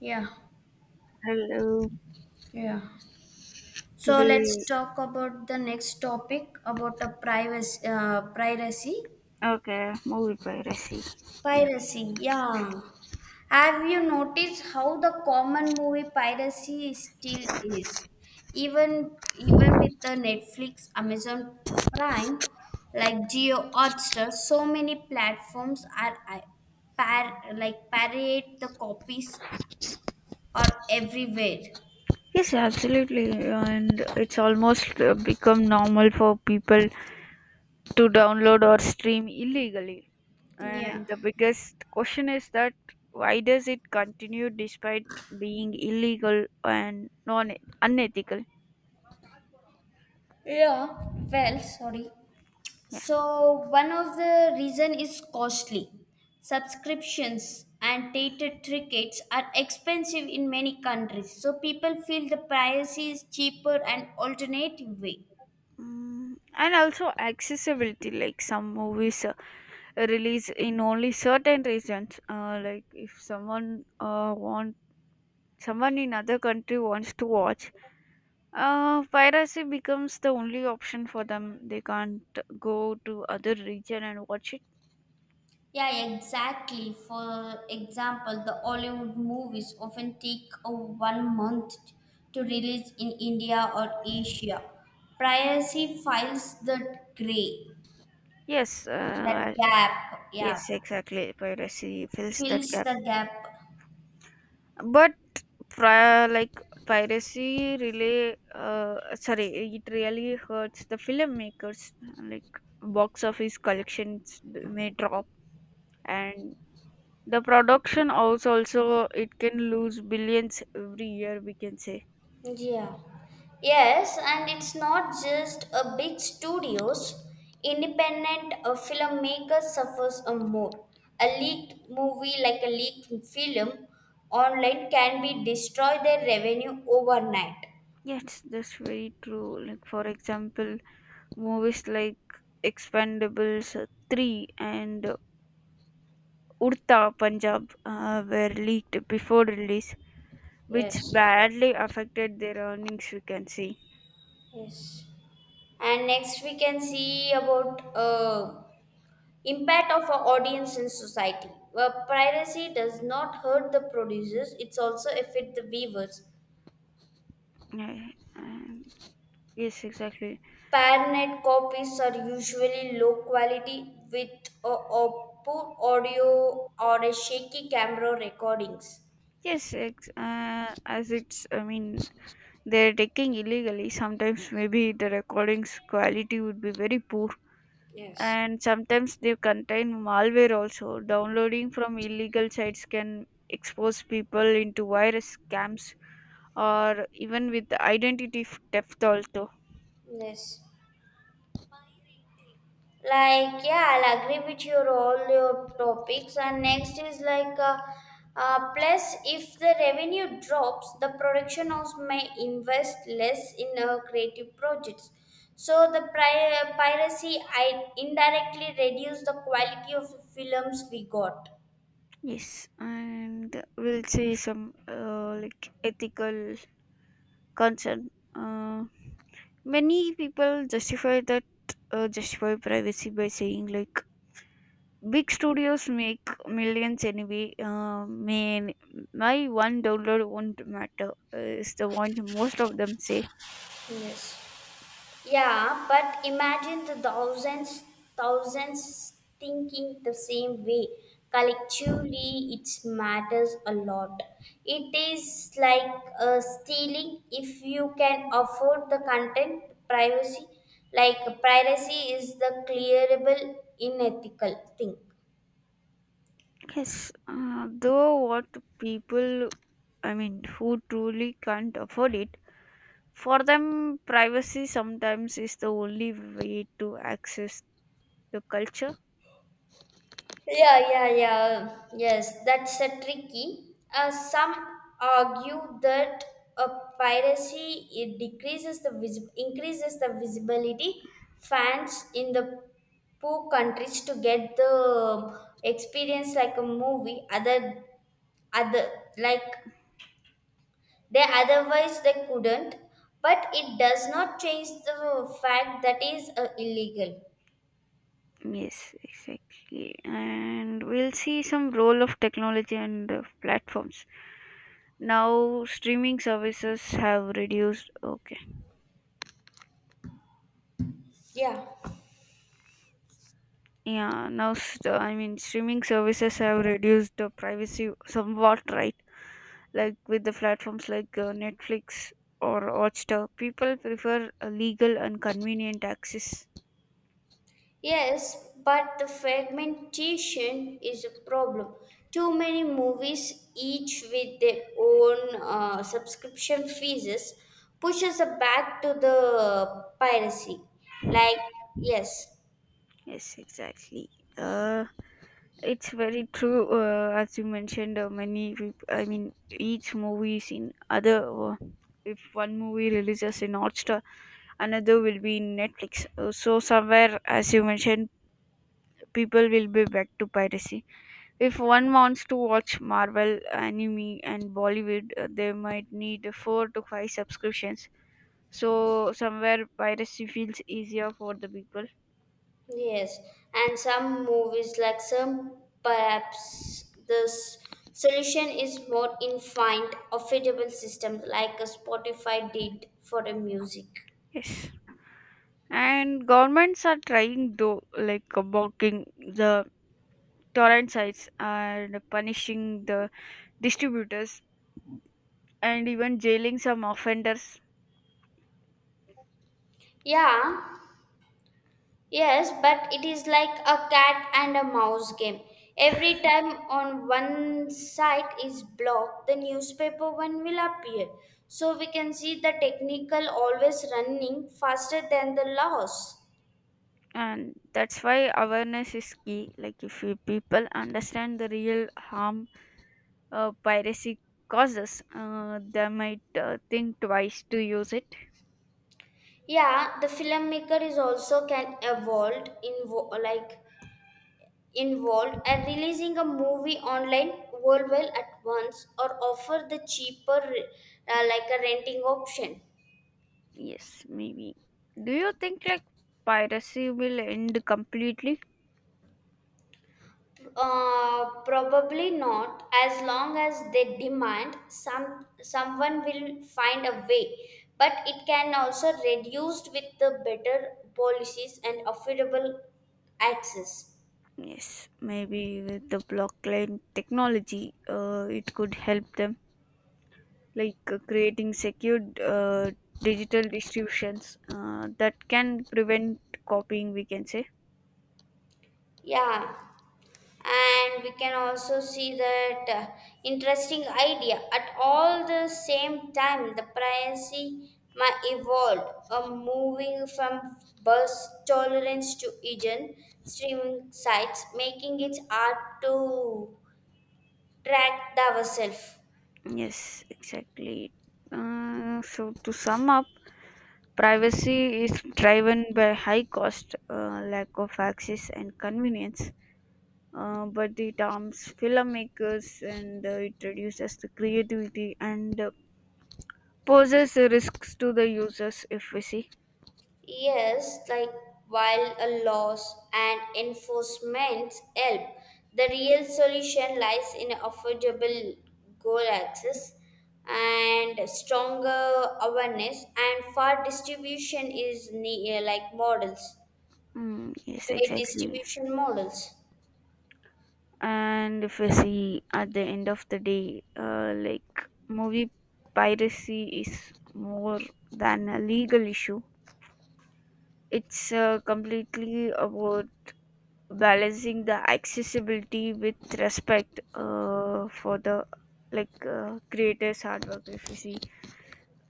Yeah, Hello. yeah. So Today, let's talk about the next topic about the piracy. okay, movie piracy. Yeah. Piracy, yeah. Have you noticed how the common movie piracy still is? Even with the Netflix, Amazon Prime, like Geo Hotstar, so many platforms are parade the copies are everywhere. Yes, absolutely. And it's almost become normal for people to download or stream illegally. Yeah. And the biggest question is that why does it continue despite being illegal and non unethical? Yeah. Well, sorry. Yeah. So one of the reason is costly. Subscriptions and theater tickets are expensive in many countries, so people feel the price is cheaper and alternative way. Mm, and also accessibility, like some movies release in only certain regions. Like if someone in other country wants to watch piracy becomes the only option for them. They can't go to other region and watch it. Yeah, exactly. For example, the Hollywood movies often take a 1 month to release in India or Asia. Privacy files the Yes. that gap, yeah, Yes, exactly, piracy fills that fills gap. the gap. But prior like piracy really sorry it really hurts the filmmakers, like box office collections may drop and the production also it can lose billions every year, we can say. Yeah. Yes, and it's not just a big studios. Independent filmmaker suffers a more. A leaked movie like a leaked film online can be destroy their revenue overnight. Yes, that's very true. Like for example, movies like Expendables 3 and Urta Punjab were leaked before release, which Yes. badly affected their earnings, we can see. Yes. And next we can see about impact of our audience in society. Well, piracy does not hurt the producers; it's also affect the viewers. Yeah, um, yes, exactly. Parnet copies are usually low quality with a poor audio or a shaky camera recordings. As it's, I mean, they're taking illegally. Sometimes maybe the recordings quality would be very poor. And sometimes they contain malware also. Downloading from illegal sites can expose people into virus scams or even with theft also. Yes. Like yeah, I'll agree with your all your topics. And next is like plus if the revenue drops, the production house may invest less in creative projects. So the piracy I indirectly reduce the quality of films we got. Yes, and we'll see some like ethical concern. Many people justify privacy by saying like, big studios make millions anyway. Man, my $1 won't matter, is the one most of them say. Yes. Yeah, but imagine the thousands, thousands thinking the same way. Collectively, it matters a lot. It is like stealing if you can afford the content privacy. Like piracy is the clearable, unethical thing. Yes, though what people, I mean, who truly can't afford it, for them, privacy sometimes is the only way to access the culture. Yeah, yeah, yeah. Yes, that's a tricky. Some argue that a piracy it decreases the increases the visibility. Fans in the poor countries to get the experience like a movie. Other like they otherwise they couldn't. But it does not change the fact that is illegal. Yes, exactly. And we'll see some role of technology and platforms. Now streaming services have reduced, okay. Yeah. Yeah, I mean streaming services have reduced the privacy somewhat, right? Like with the platforms like Netflix or Hotstar, people prefer a legal and convenient access. Yes, but the fragmentation is a problem. Too many movies, each with their own subscription fees, pushes us back to the piracy. Like, yes, Yes, exactly. Uh It's very true, as you mentioned, I mean, each movie is in other. If one movie releases in Hotstar, another will be in Netflix. So, somewhere, as you mentioned, people will be back to piracy. If one wants to watch Marvel, anime, and Bollywood, they might need four to five subscriptions. So, somewhere, piracy feels easier for the people. yes. And some movies, perhaps the solution is more infinite, affordable system like a Spotify did for the music. Yes. And governments are trying though, like blocking the torrent sites and punishing the distributors and even jailing some offenders. Yeah, yes, but it is like a cat and a mouse game. Every time on one side is blocked, the newspaper one will appear. So we can see the technical always running faster than the laws. And that's why awareness is key, like if you people understand the real harm piracy causes, they might think twice to use it. Yeah, the filmmaker is also can evolve invo- like involved and releasing a movie online worldwide at once or offer the cheaper like a renting option. Yes, maybe. Do you think like piracy will end completely? Probably not. As long as they demand, someone will find a way. But it can also reduced with the better policies and affordable access. Yes, maybe with the blockchain technology it could help them, like creating secured digital distributions that can prevent copying, we can say. Yeah. And we can also see that interesting idea at all the same time the privacy might evolved moving from bus tolerance to hidden streaming sites making it hard to track ourselves. Yes, exactly. So to sum up, privacy is driven by high cost, lack of access and convenience, but it harms filmmakers and it reduces the creativity and poses risks to the users, if we see. Yes, like while a laws and enforcement help, the real solution lies in affordable goal access and stronger awareness and fair distribution is models, Mm, yes, fair exactly. distribution models. And if we see at the end of the day, like movie piracy is more than a legal issue. It's completely about balancing the accessibility with respect for the creators hard work, if you see.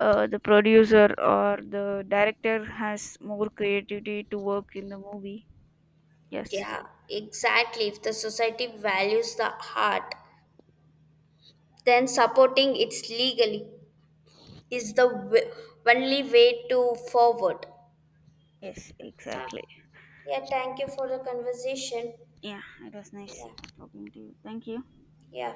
The producer or the director has more creativity to work in the movie. Yes. Yeah, exactly. If the society values the art, then supporting it legally is the only way to forward. Yes, Ah. exactly. Yeah, thank you for the conversation. Yeah, it was nice Yeah, talking to you. Thank you. yeah.